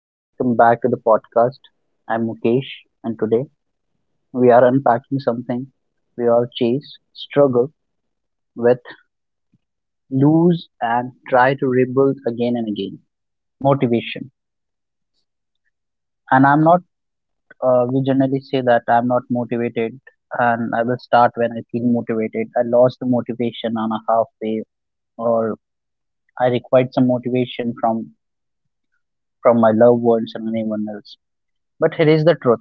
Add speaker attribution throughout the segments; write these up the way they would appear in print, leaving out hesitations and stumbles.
Speaker 1: And welcome back to the podcast. I'm Mukesh, and today we are unpacking something we all chase, struggle with, lose, and try to rebuild again and again: motivation. And I'm not, We generally say that I'm not motivated, and I will start when I feel motivated. I lost the motivation on a halfway, or I required some motivation from my loved ones and anyone else. But here is the truth: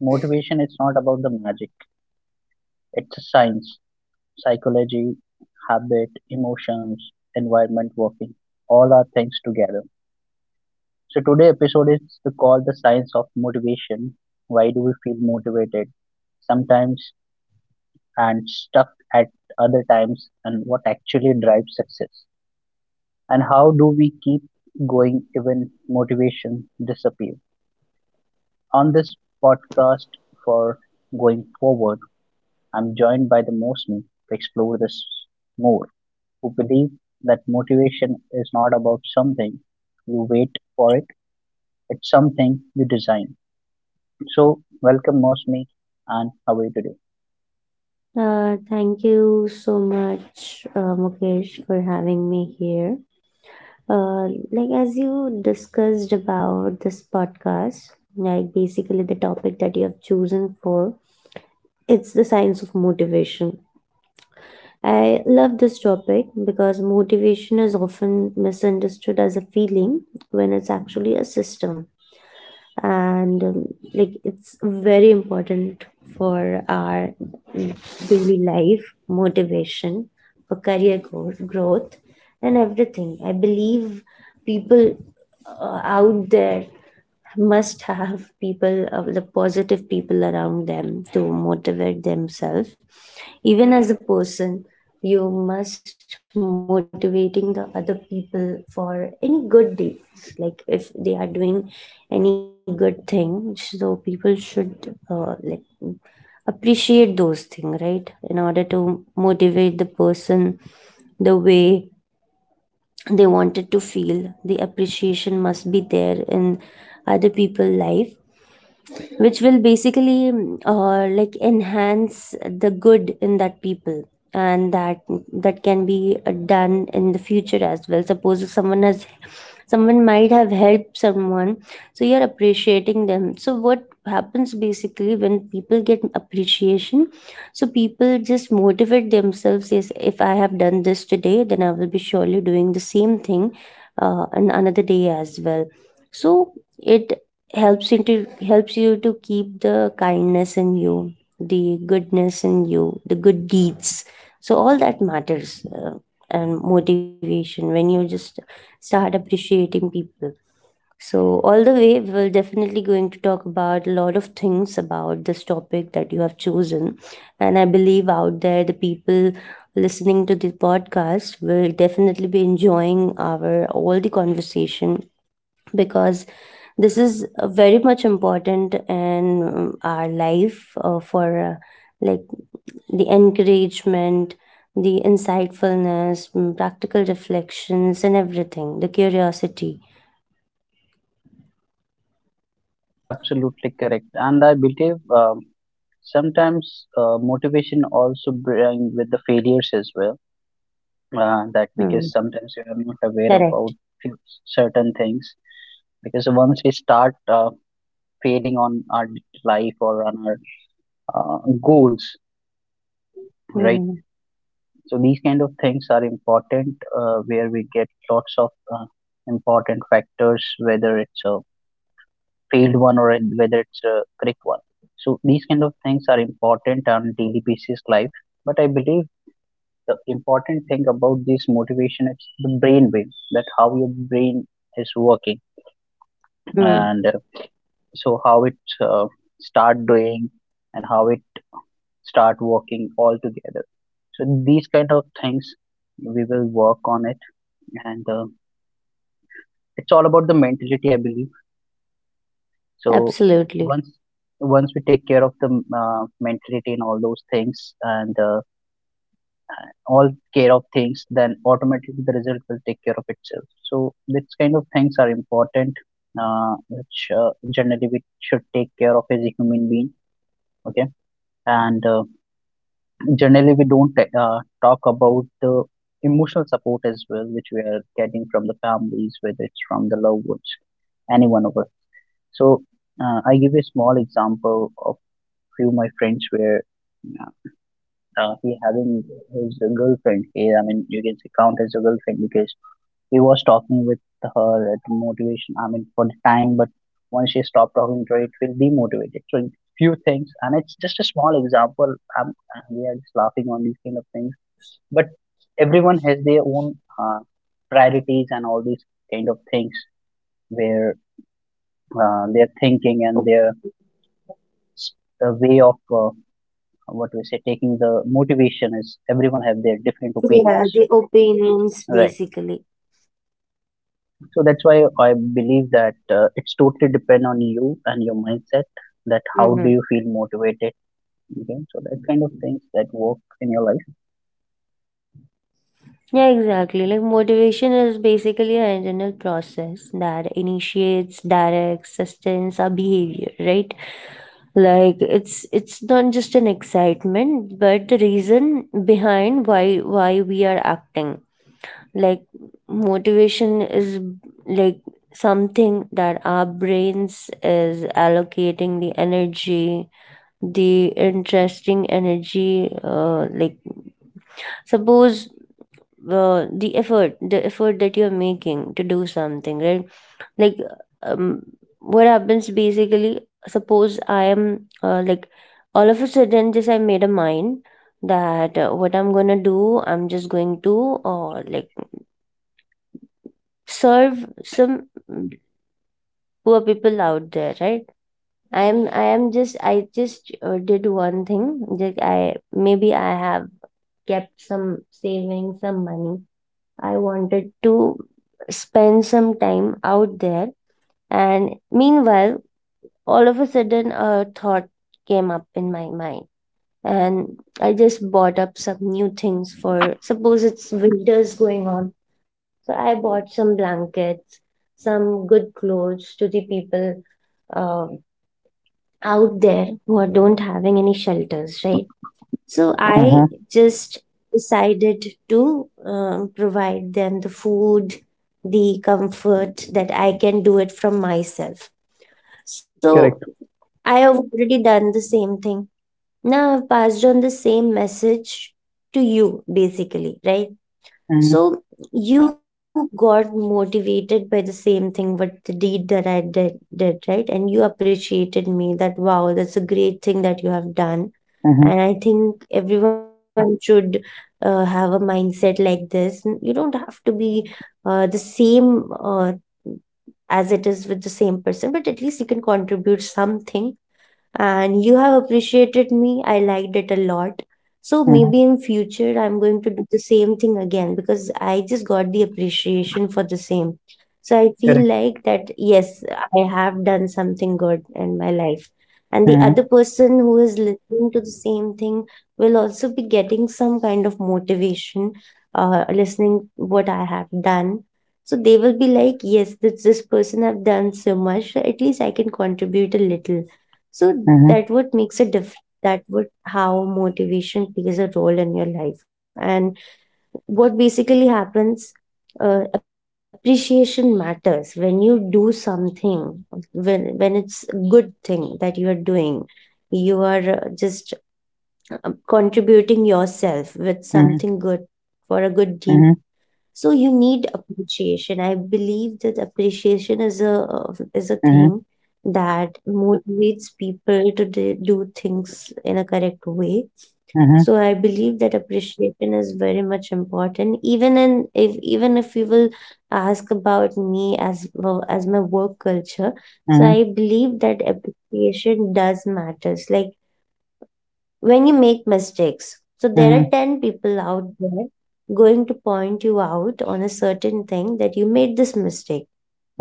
Speaker 1: motivation is not about the magic. It's a science, psychology, habit, emotions, environment, working. All are things together. So today episode is to call the science of motivation. Why do we feel motivated sometimes and stuck at other times, and what actually drives success? And how do we keep going even motivation disappear? On this podcast, for going forward, I'm joined by the Mosmi to explore this more, who believe that motivation is not about something you wait for it, it's something you design. So, welcome Mosmi, and how are you today?
Speaker 2: Thank you so much, Mukesh, for having me here. Like as you discussed about this podcast, like basically the topic that you have chosen for, it's the science of motivation. I love this topic because motivation is often misunderstood as a feeling when it's actually a system. And like it's very important for our mm, daily life motivation for growth and everything. I believe people, out there, must have people, the positive people around them to motivate themselves. Even as a person, you must motivating the other people for any good deeds. Like if they are doing any good thing, so people should, like, appreciate those things, right, in order to motivate the person the way they wanted to feel. The appreciation must be there in other people life, which will basically like enhance the good in that people. And that can be done in the future as well. Suppose if someone might have helped someone, so you're appreciating them. So what happens basically when people get appreciation, so people just motivate themselves is if I have done this today, then I will be surely doing the same thing on another day as well. So it helps you to keep the kindness in you, the goodness in you, the good deeds. So all that matters, and motivation when you just start appreciating people. So, all the way, we're definitely going to talk about a lot of things about this topic that you have chosen. And I believe out there, the people listening to the podcast will definitely be enjoying our all the conversation, because this is very much important in our life for like the encouragement, the insightfulness, practical reflections and everything, the curiosity.
Speaker 1: Absolutely correct. And I believe sometimes motivation also bring with the failures as well. That because
Speaker 2: Mm,
Speaker 1: sometimes you are not aware
Speaker 2: correct.
Speaker 1: about few certain things. Because once we start failing on our life or on our goals, right?
Speaker 2: Mm,
Speaker 1: So these kind of things are important where we get lots of important factors, whether it's a field one or whether it's a correct one. So these kind of things are important on daily basis life. But I believe the important thing about this motivation is the brain wave, that how your brain is working
Speaker 2: mm,
Speaker 1: and So how it uh, start doing and how it start working all together. So these kind of things we will work on it, and it's all about the mentality I believe. So
Speaker 2: Absolutely.
Speaker 1: once once we take care of the mentality and all those things, and all care of things, then automatically the result will take care of itself. So these kind of things are important, which generally we should take care of as a human being. Okay, and generally we don't talk about the emotional support as well, which we are getting from the families, whether it's from the loved ones, anyone of us. So I give you a small example of few of my friends were uh, he having his girlfriend. He, I mean, you can say count as a girlfriend because he was talking with her at motivation. I mean, for the time, but once she stopped talking to her, it will demotivated. So few things, and it's just a small example. We are just laughing on these kind of things, but everyone has their own priorities and all these kind of things where their thinking
Speaker 2: Op-
Speaker 1: and their s- way of what we say taking the motivation is everyone have their different
Speaker 2: Yeah,
Speaker 1: opinions,
Speaker 2: the opinions
Speaker 1: right?
Speaker 2: basically.
Speaker 1: So that's why I believe that it's totally depend on you and your mindset, that how do
Speaker 2: Hmm.
Speaker 1: you feel motivated. Okay, so that kind of things that work in your life.
Speaker 2: Yeah, exactly. Like motivation is basically an internal process that initiates, directs, sustains our behavior, right? Like it's not just an excitement, but the reason behind why we are acting. Like motivation is like something that our brains is allocating the energy, the interesting energy, like, suppose, the effort that you're making to do something, right? Like, um, what happens basically, suppose I am, like, all of a sudden just I made a mind that, what I'm gonna do, I'm just going to, like, serve some poor people out there, right? I just did one thing. Like, I, maybe I have kept some savings, some money. I wanted to spend some time out there. And meanwhile, all of a sudden a thought came up in my mind, and I just bought up some new things for, suppose it's winters going on, so I bought some blankets, some good clothes to the people uh, out there who are don't having any shelters, right? So of I course.
Speaker 1: Mm-hmm.
Speaker 2: Just decided to provide them the food, the comfort that I can do it from myself. So
Speaker 1: Correct.
Speaker 2: I have already done the same thing. Now I've passed on the same message to you basically, right?
Speaker 1: Mm-hmm.
Speaker 2: So you got motivated by the same thing, what the deed that did, right? And you appreciated me that, wow, that's a great thing that you have done.
Speaker 1: Mm-hmm.
Speaker 2: And I think everyone should have a mindset like this. N- You don't have to be the same, as it is with the same person, but at least you can contribute something. And you have appreciated me. I liked it a lot. So
Speaker 1: Mm-hmm.
Speaker 2: maybe in future I'm going to do the same thing again because I just got the appreciation for the same. So I feel
Speaker 1: Correct.
Speaker 2: like that, yes, I have done something good in my life. And the
Speaker 1: Mm-hmm.
Speaker 2: other person who is listening to the same thing will also be getting some kind of motivation, listening what I have done. So they will be like, yes, this person have done so much. At least I can contribute a little. So
Speaker 1: Mm-hmm.
Speaker 2: that would makes a difference, that would how motivation plays a role in your life. And what basically happens, appreciation matters when you do something, when it's a good thing that you are doing, you are, just, contributing yourself with
Speaker 1: Mm-hmm.
Speaker 2: something good for a good deed.
Speaker 1: Mm-hmm.
Speaker 2: So you need appreciation. I believe that appreciation is a
Speaker 1: Mm-hmm.
Speaker 2: thing that motivates people to do things in a correct way.
Speaker 1: Mm-hmm.
Speaker 2: So I believe that appreciation is very much important, even in if even if you will ask about me as well as my work culture. So I
Speaker 1: Mm-hmm.
Speaker 2: believe that appreciation does matters like when you make mistakes. So there are
Speaker 1: Mm-hmm.
Speaker 2: 10 people out there going to point you out on a certain thing, that you made this mistake,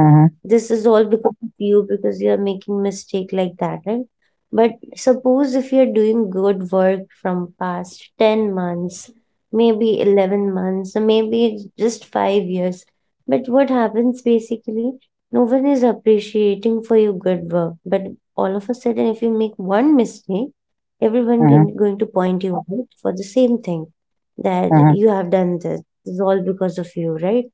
Speaker 1: Mm-hmm.
Speaker 2: this is all because of you, because you are making mistake like that, right? But suppose if you're doing good work from past 10 months, maybe 11 months, or maybe it's just 5 years, but what happens basically, no one is appreciating for your good work. But all of a sudden if you make one mistake, everyone
Speaker 1: Mm-hmm.
Speaker 2: going to point you out for the same thing, that
Speaker 1: Mm-hmm.
Speaker 2: you have done this. This is all because of you, right?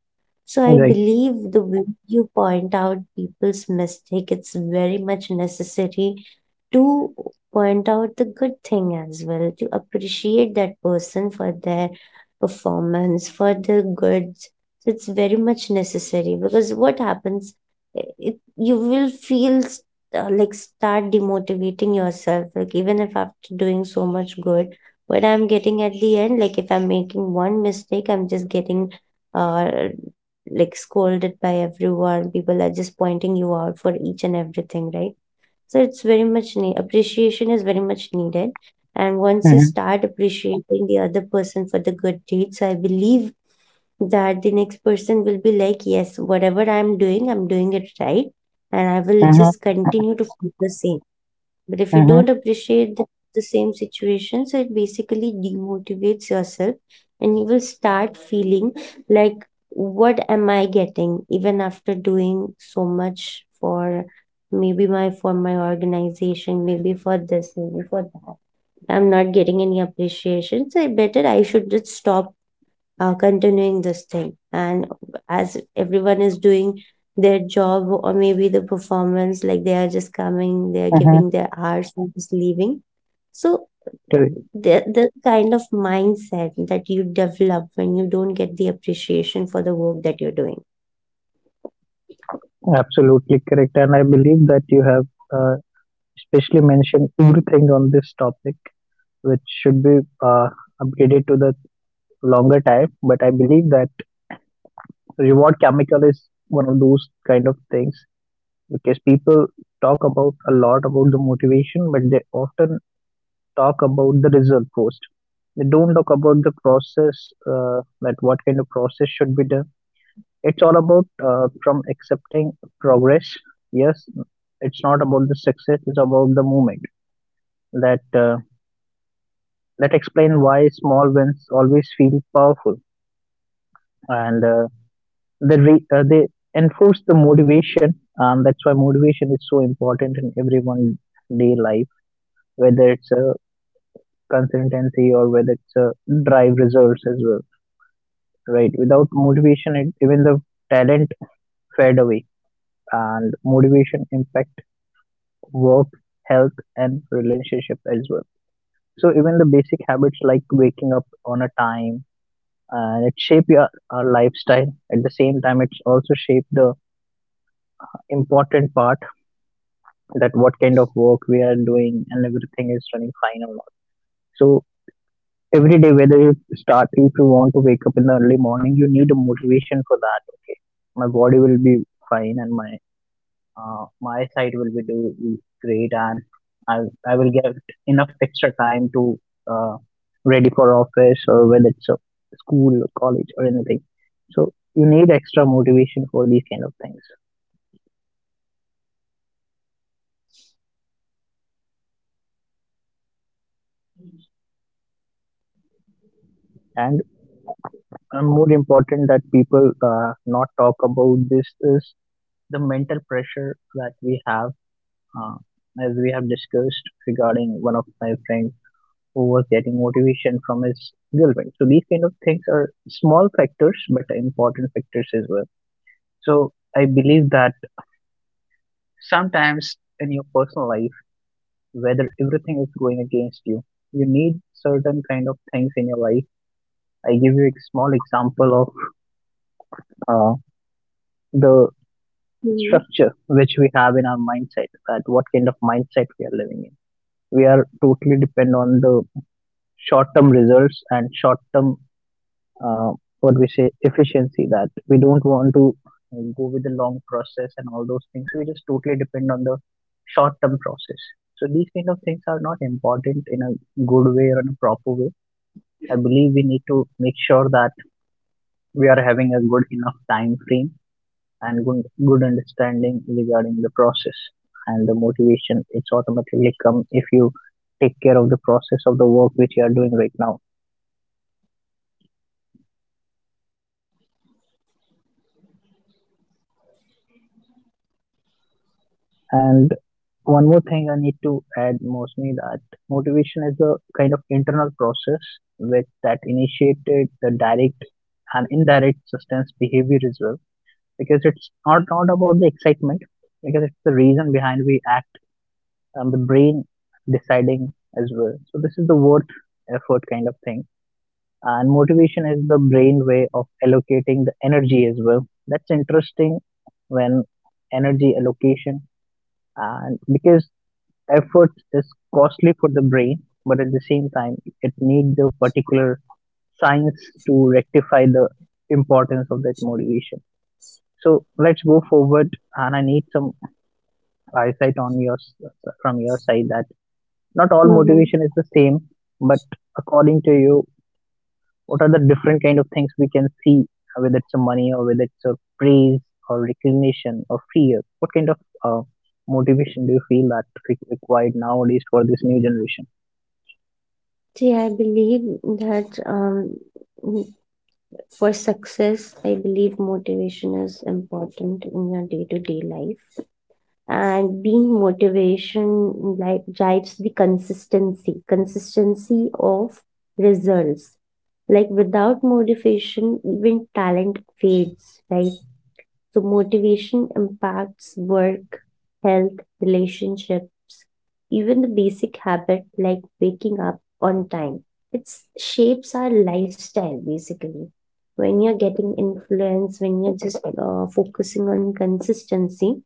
Speaker 2: So I
Speaker 1: Right.
Speaker 2: believe the way you point out people's mistake, it's very much necessary to point out the good thing as well, to appreciate that person for their performance, for the goods. So it's very much necessary because what happens, it, you will feel like start demotivating yourself. Like even if after doing so much good, what I'm getting at the end, like if I'm making one mistake, I'm just getting uh like scolded by everyone. People are just pointing you out for each and everything, right? So it's very much appreciation is very much needed. And once you
Speaker 1: Mm-hmm.
Speaker 2: start appreciating the other person for the good deeds, I believe that the next person will be like, yes, whatever I'm doing, I'm doing it right, and I will
Speaker 1: Mm-hmm.
Speaker 2: just continue to feel the same. But if you don't
Speaker 1: Mm-hmm.
Speaker 2: appreciate the same situations, it basically demotivates yourself, and you will start feeling like, what am I getting even after doing so much for maybe my for my organization, maybe for this, maybe for that. I'm not getting any appreciation. So I better I should just stop continuing this thing, and as everyone is doing their job, or maybe the performance like they are just coming, they are giving
Speaker 1: Mm-hmm.
Speaker 2: their hours and just leaving. So
Speaker 1: Correct.
Speaker 2: the kind of mindset that you develop when you don't get the appreciation for the work that you're doing.
Speaker 1: Absolutely correct. And I believe that you have uh, especially mentioned two things on this topic which should be uh, upgraded to the longer time, but I believe that reward chemical is one of those kind of things, because people talk about a lot about the motivation, but they often talk about the result first. They don't talk about the process, uh, that what kind of process should be done. It's all about from accepting progress. Yes, it's not about the success, it's about the moment. That that explain why small wins always feel powerful, and they enforce the motivation. Um, that's why motivation is so important in everyone's day life, whether it's a consistency or whether it's a drive results as well. Right, without motivation it, even the talent fade away. And motivation impact work, health and relationship as well. So even the basic habits like waking up on a time, and it shaped your, our lifestyle. At the same time, it's also shaped the important part, that what kind of work we are doing and everything is running fine or not. So every day, whether you start, if you want to wake up in the early morning, you need a motivation for that. Okay, my body will be fine and my my side will be doing great, and I, I will get enough extra time to uh, ready for office or whether it's a school or college or anything. So you need extra motivation for these kind of things. And more important that people not talk about this is the mental pressure that we have, uh, as we have discussed regarding one of my friends who was getting motivation from his girlfriend. So these kind of things are small factors, but important factors as well. So I believe that sometimes in your personal life, whether everything is going against you, you need certain kind of things in your life. I give you a small example of the structure which we have in our mindset, that what kind of mindset we are living in. We are totally depend on the short-term results and short-term uh, what we say efficiency, that we don't want to go with the long process and all those things. We just totally depend on the short term process. So these kind of things are not important in a good way or in a proper way. I believe we need to make sure that we are having a good enough time frame and good, good understanding regarding the process, and the motivation it's automatically come if you take care of the process of the work which you are doing right now. And one more thing I need to add mostly, that motivation is a kind of internal process which that initiated the direct and indirect substance behavior as well, because it's not, not about the excitement, because it's the reason behind we act, and the brain deciding as well. So this is the worth effort kind of thing. And motivation is the brain way of allocating the energy as well. That's interesting, when energy allocation, and because effort is costly for the brain, but at the same time, it needs the particular science to rectify the importance of that motivation. So let's go forward, and I need some insight on your, from your side, that not all
Speaker 2: Mm-hmm.
Speaker 1: motivation is the same, but according to you, what are the different kind of things we can see, whether it's a money or whether it's a praise or recognition or fear? What kind of uh, motivation do you feel that is required nowadays for this new generation?
Speaker 2: So yeah, I believe that, for success, I believe motivation is important in your day to day life. And being motivation like drives the consistency, consistency of results. Like without motivation, even talent fades, right? So motivation impacts work, health, relationships, even the basic habit like waking up on time. It shapes our lifestyle basically. When you're getting influence, when you're just focusing on consistency,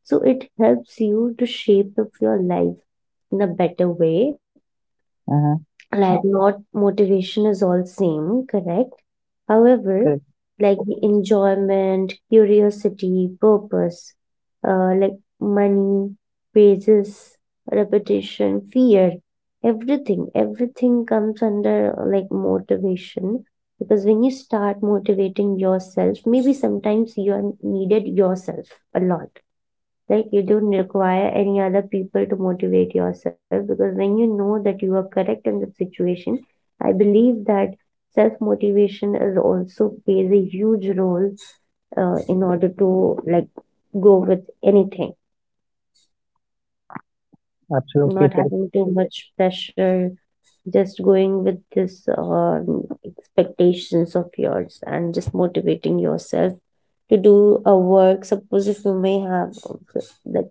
Speaker 2: so it helps you to shape up your life in a better way. Like not motivation is all same, correct. However,
Speaker 1: Correct.
Speaker 2: like the enjoyment, curiosity, purpose, like money, praises, repetition, fear, everything comes under, like, motivation. Because when you start motivating yourself, maybe sometimes you are needed yourself a lot. Like you don't require any other people to motivate yourself, because when you know that you are correct in the situation, I believe that self motivation is also plays a huge role in order to like go with anything,
Speaker 1: Absolutely
Speaker 2: not
Speaker 1: correct.
Speaker 2: having too much pressure, just going with this expectations of yours, and just motivating yourself to do a work. Suppose if you may have like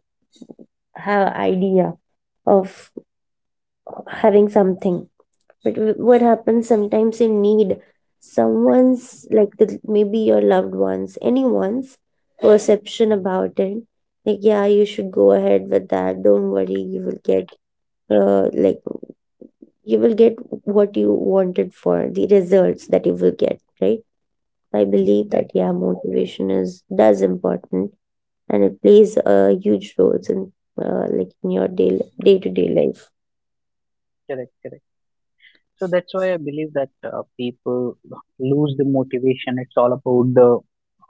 Speaker 2: have idea of having something, but what happens sometimes you need someone's like maybe your loved ones, anyone's perception about it, like, yeah, you should go ahead with that, don't worry, you will get, like, you will get what you wanted, for the results that you will get, right? I believe that,
Speaker 1: Correct.
Speaker 2: yeah, motivation is does important, and it plays a huge roles in, like, in your day to day life.
Speaker 1: Correct. Correct. So that's why I believe that people lose the motivation. It's all about the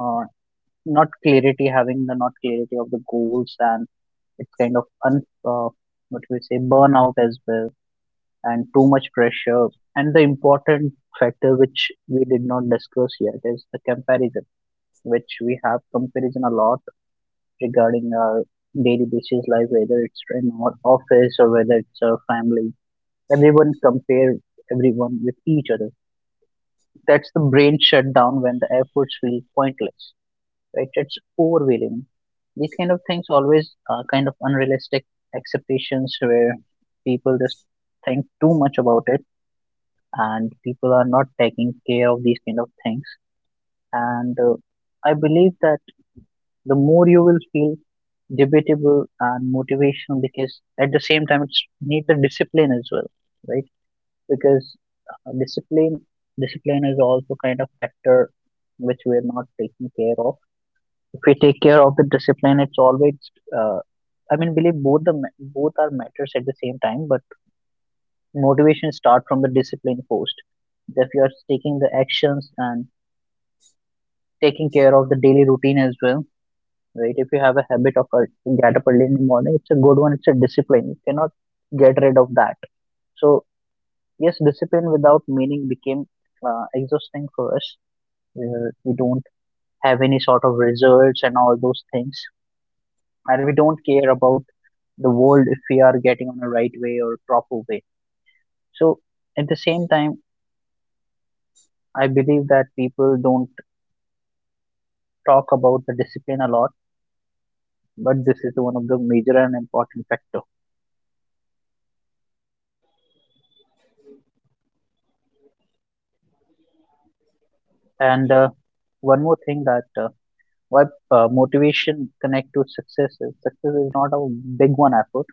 Speaker 1: uh, not clarity, having the not clarity of the goals, and it's kind of un uh, what we say burnout as well, and too much pressure. And the important factor which we did not discuss yet is the comparison, which we have comparison a lot regarding our daily basis life, whether it's in our office or whether it's our family. Everyone compare everyone with each other. That's the brain shut down when the efforts feel pointless. Right? It's overwhelming. These kind of things always are kind of unrealistic expectations where people just think too much about it, and people are not taking care of these kind of things. And I believe that the more you will feel debatable and motivational, because at the same time it's need the discipline as well, right? Because uh, discipline discipline is also kind of factor which we are not taking care of. If we take care of the discipline, it's always uh, I mean believe both the both are matters at the same time, but motivation start from the discipline first. If you are taking the actions and taking care of the daily routine as well, right? If you have a habit of get up early in the morning, it's a good one. It's a discipline. You cannot get rid of that. So yes, discipline without meaning became exhausting for us. We don't have any sort of results and all those things, and we don't care about the world if we are getting on a right way or proper way. So at the same time, I believe that people don't talk about the discipline a lot, but this is one of the major and important factor. And One more thing, that why motivation connect to success is not a big one effort.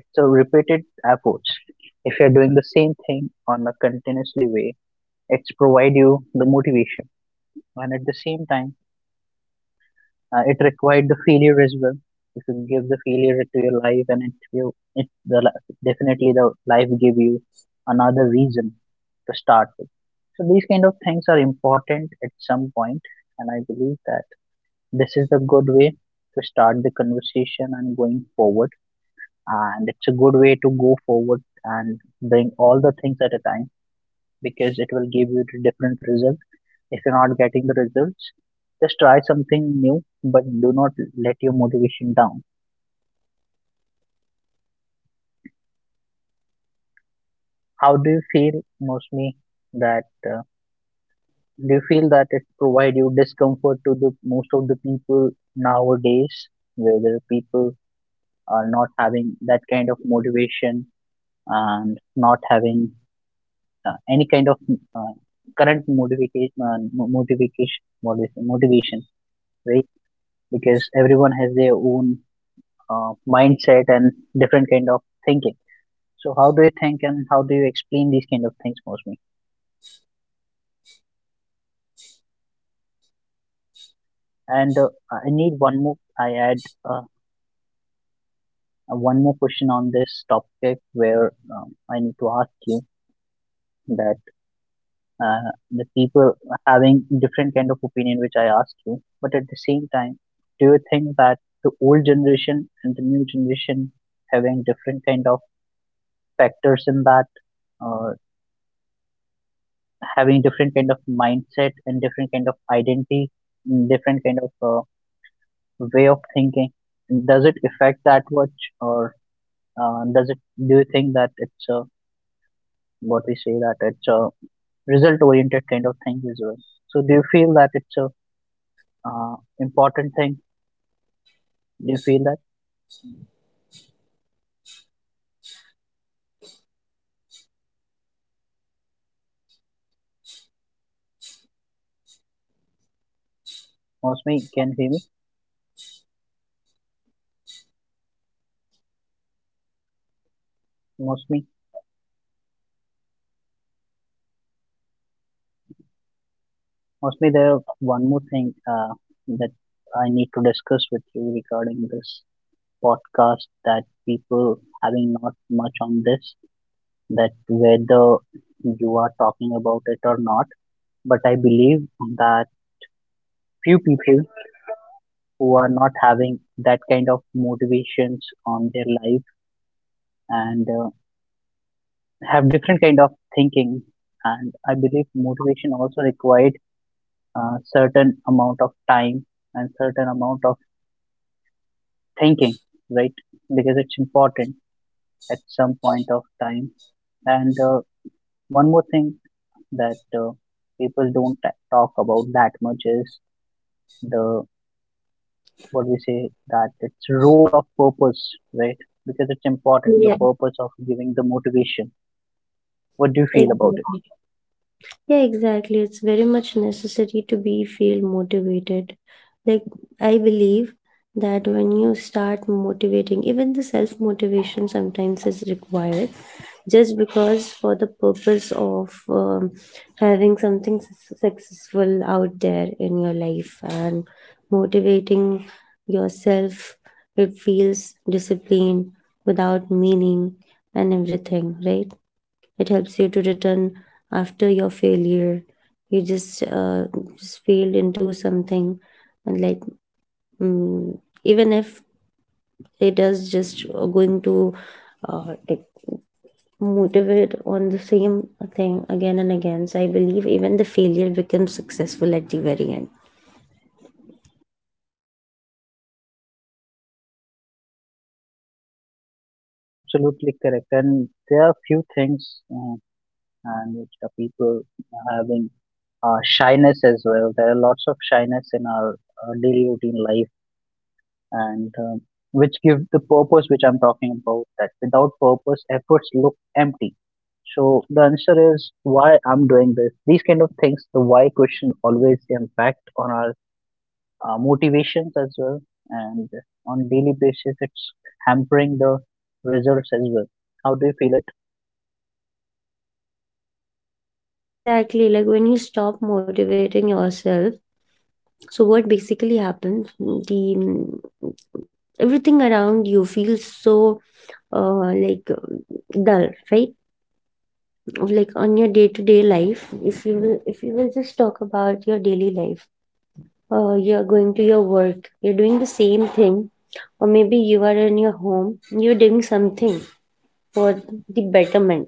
Speaker 1: It's a repeated efforts. If you're doing the same thing on a continuously way, it's provide you the motivation, and at the same time, it required the failure as well. If you give the failure to your life, and it you it the li- definitely the life give you another reason to start with. So these kind of things are important at some point, and I believe that this is the good way to start the conversation and going forward. And it's a good way to go forward and bring all the things at a time because it will give you the different results. If you're not getting the results, just try something new, but do not let your motivation down. How do you feel mostly, that do you feel that it provide you discomfort to the most of the people nowadays, whether people are not having that kind of motivation and not having any kind of uh, current motivation, motivation, what is it, motivation, right? Because everyone has their own mindset and different kind of thinking. So how do you think and how do you explain these kind of things mostly? And I need one more. I add uh, one more question on this topic where I need to ask you that the people having different kind of opinion, which I asked you, but at the same time, do you think that the old generation and the new generation having different kind of factors in that? Uh, Having different kind of mindset and different kind of identity and different kind of way of thinking, does it affect that much? Or does it do you think that it's a, what we say, that it's a result oriented kind of thing as well? So do you feel that it's a important thing? Do you feel that mostly, can you hear me? Mostly, mostly, there one more thing uh, that I need to discuss with you regarding this podcast, that people having not much on this, that whether you are talking about it or not. But I believe that few people who are not having that kind of motivations on their life, and have different kind of thinking. And I believe motivation also required certain amount of time and certain amount of thinking, right? Because it's important at some point of time. And One more thing, that people don't talk about that much is the, what we say, that it's role of purpose, right? Because it's important, the
Speaker 2: Yeah,
Speaker 1: purpose of giving the motivation. What do you feel about it?
Speaker 2: exactly. Yeah, exactly. It's very much necessary to be feel motivated. Like, I believe that when you start motivating, even the self motivation sometimes is required, just because for the purpose of having something successful out there in your life and motivating yourself. It feels discipline without meaning and everything, right? It helps you to return after your failure. You just failed into something and mm, even if it is just going to like motivate on the same thing again and again. So I believe even the failure becomes successful at the very end.
Speaker 1: Absolutely correct. And there are few things and which the people having shyness as well. There are lots of shyness in our daily routine life. And which give the purpose, which I'm talking about, that without purpose efforts look empty. So the answer is why I'm doing this. These kind of things, the why question always impact on our motivations as well, and on daily basis it's hampering the results as well. How do you feel it?
Speaker 2: Yeah, exactly, like when you stop motivating yourself, so what basically happens, everything around you feels so dull, right? Like on your day to day life, if you will just talk about your daily life, you're going to your work, you're doing the same thing, or maybe you are in your home, you're doing something for the betterment.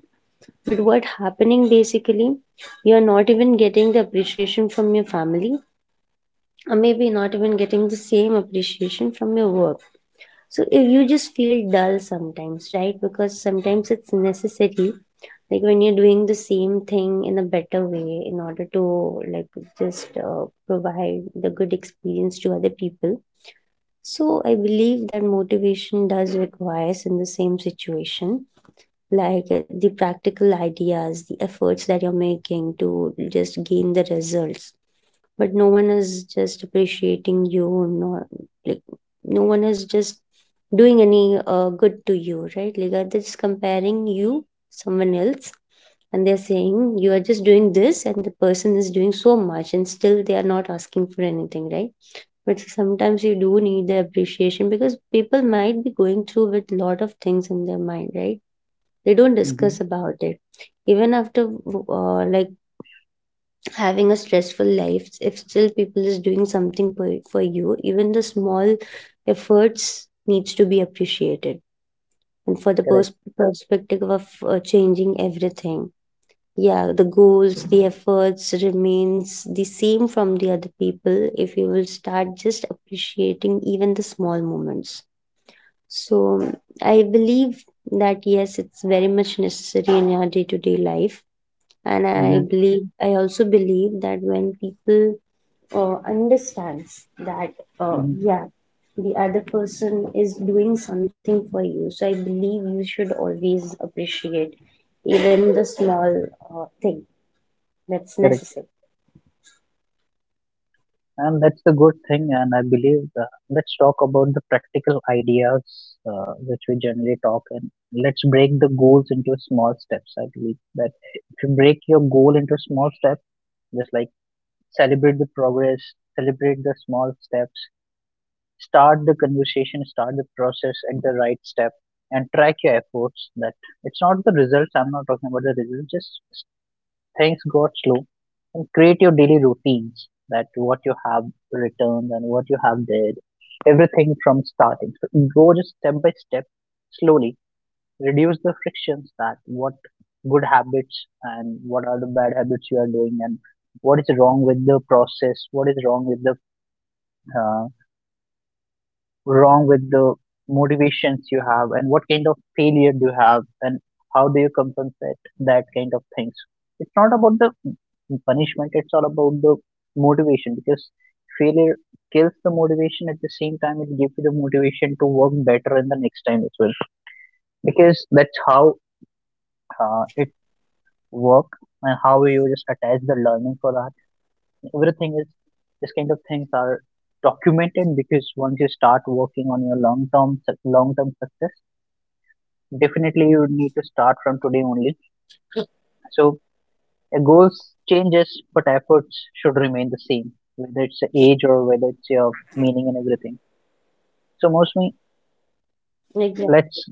Speaker 2: But what happening basically, you're not even getting the appreciation from your family, or maybe not even getting the same appreciation from your work. So if you just feel dull sometimes, right, because sometimes it's necessary, like when you're doing the same thing in a better way in order to, like just provide the good experience to other people. So I believe that motivation does requires in the same situation, like the practical ideas, the efforts that you're making to just gain the results, but no one is just appreciating you, nor like no one is just doing any good to you, right? Like they're just comparing you someone else and they're saying you are just doing this and the person is doing so much and still they are not asking for anything, right? But sometimes you do need the appreciation because people might be going through with lot of things in their mind, right? They don't
Speaker 1: Hmm.
Speaker 2: discuss about it even after uh, like having a stressful life. If still people is doing something for you, even the small efforts needs to be appreciated, and for the
Speaker 1: Correct.
Speaker 2: perspective of changing everything. Yeah, the goals, the efforts remains the same from the other people if you will start just appreciating even the small moments. So I believe that yes, it's very much necessary in your day-to-day life. And I
Speaker 1: Hmm.
Speaker 2: believe, I also believe that when people understands that,
Speaker 1: Hmm.
Speaker 2: yeah, the other person is doing something for you. So I believe you should always appreciate even the small thing. That's
Speaker 1: Correct.
Speaker 2: necessary,
Speaker 1: And that's the good thing. And I believe let's talk about the practical ideas which we generally talk, and let's break the goals into small steps. I believe that if you break your goal into small steps, just like celebrate the progress, celebrate the small steps, start the conversation, start the process at the right step, and track your efforts. That it's not the results. I'm not talking about the results. Just things got slow, create your daily routines, that what you have returned and what you have did everything from starting. So go just step by step, slowly reduce the frictions, that what good habits and what are the bad habits you are doing, and what is wrong with the process, what is wrong with the uh, wrong with the motivations you have, and what kind of failure do you have, and how do you compensate that kind of things. It's not about the punishment, it's all about the motivation, because failure kills the motivation. At the same time, it gives you the motivation to work better in the next time as well, because that's how it work. And how you just attach the learning for that, everything is, this kind of things are documented, because once you start working on your long term success, definitely, you need to start from today only. So, goals changes, but efforts should remain the same, whether it's age or whether it's your meaning and everything. So,
Speaker 2: like,
Speaker 1: mostly,
Speaker 2: yeah.
Speaker 1: let's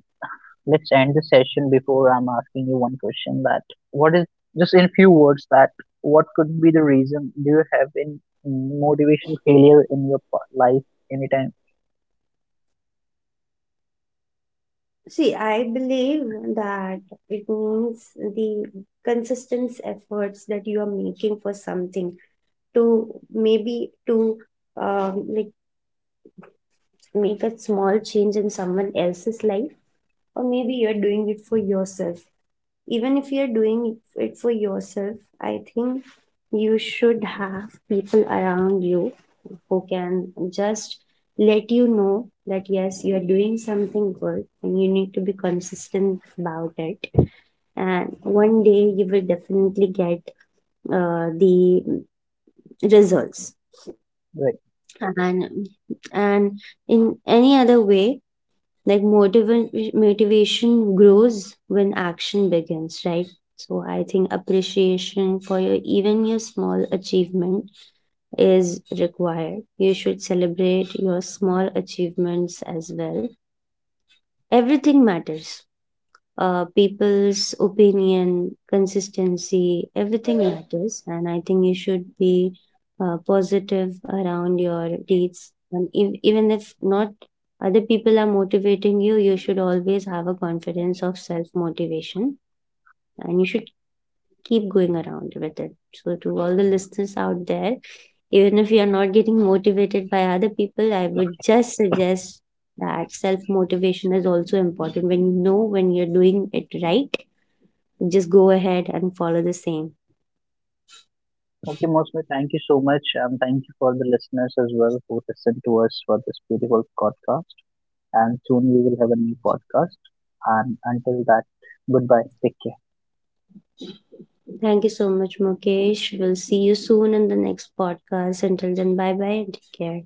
Speaker 1: let's end the session before I'm asking you one question. That what is, just in few words, that what could be the reason? Do you have in motivation failure in your life anytime?
Speaker 2: See, I believe that it means the consistent efforts that you are making for something, to maybe to, um, like make a small change in someone else's life, or maybe you're doing it for yourself. Even if you're doing it for yourself, I think you should have people around you who can just let you know that yes, you are doing something good and you need to be consistent about it. And one day you will definitely get the results.
Speaker 1: Right.
Speaker 2: And and in any other way, like motivation grows when action begins, right? So I think appreciation for your even your small achievement is required. You should celebrate your small achievements as well. Everything matters. People's opinion, consistency, everything matters. And I think you should be positive around your deeds. And even if not other people are motivating you, you should always have a confidence of self motivation and you should keep going around with it. So, to all the listeners out there, even if you're not getting motivated by other people, I would just suggest that self motivation is also important. When you know when you're doing it right, just go ahead and follow the same.
Speaker 1: Okay, Mosmi, thank you so much. Thank you for the listeners as well who listened to us for this beautiful podcast, and soon we will have a new podcast. And until that, goodbye. Take care.
Speaker 2: Thank you so much, Mukesh. We'll see you soon in the next podcast. Until then, bye bye and take care.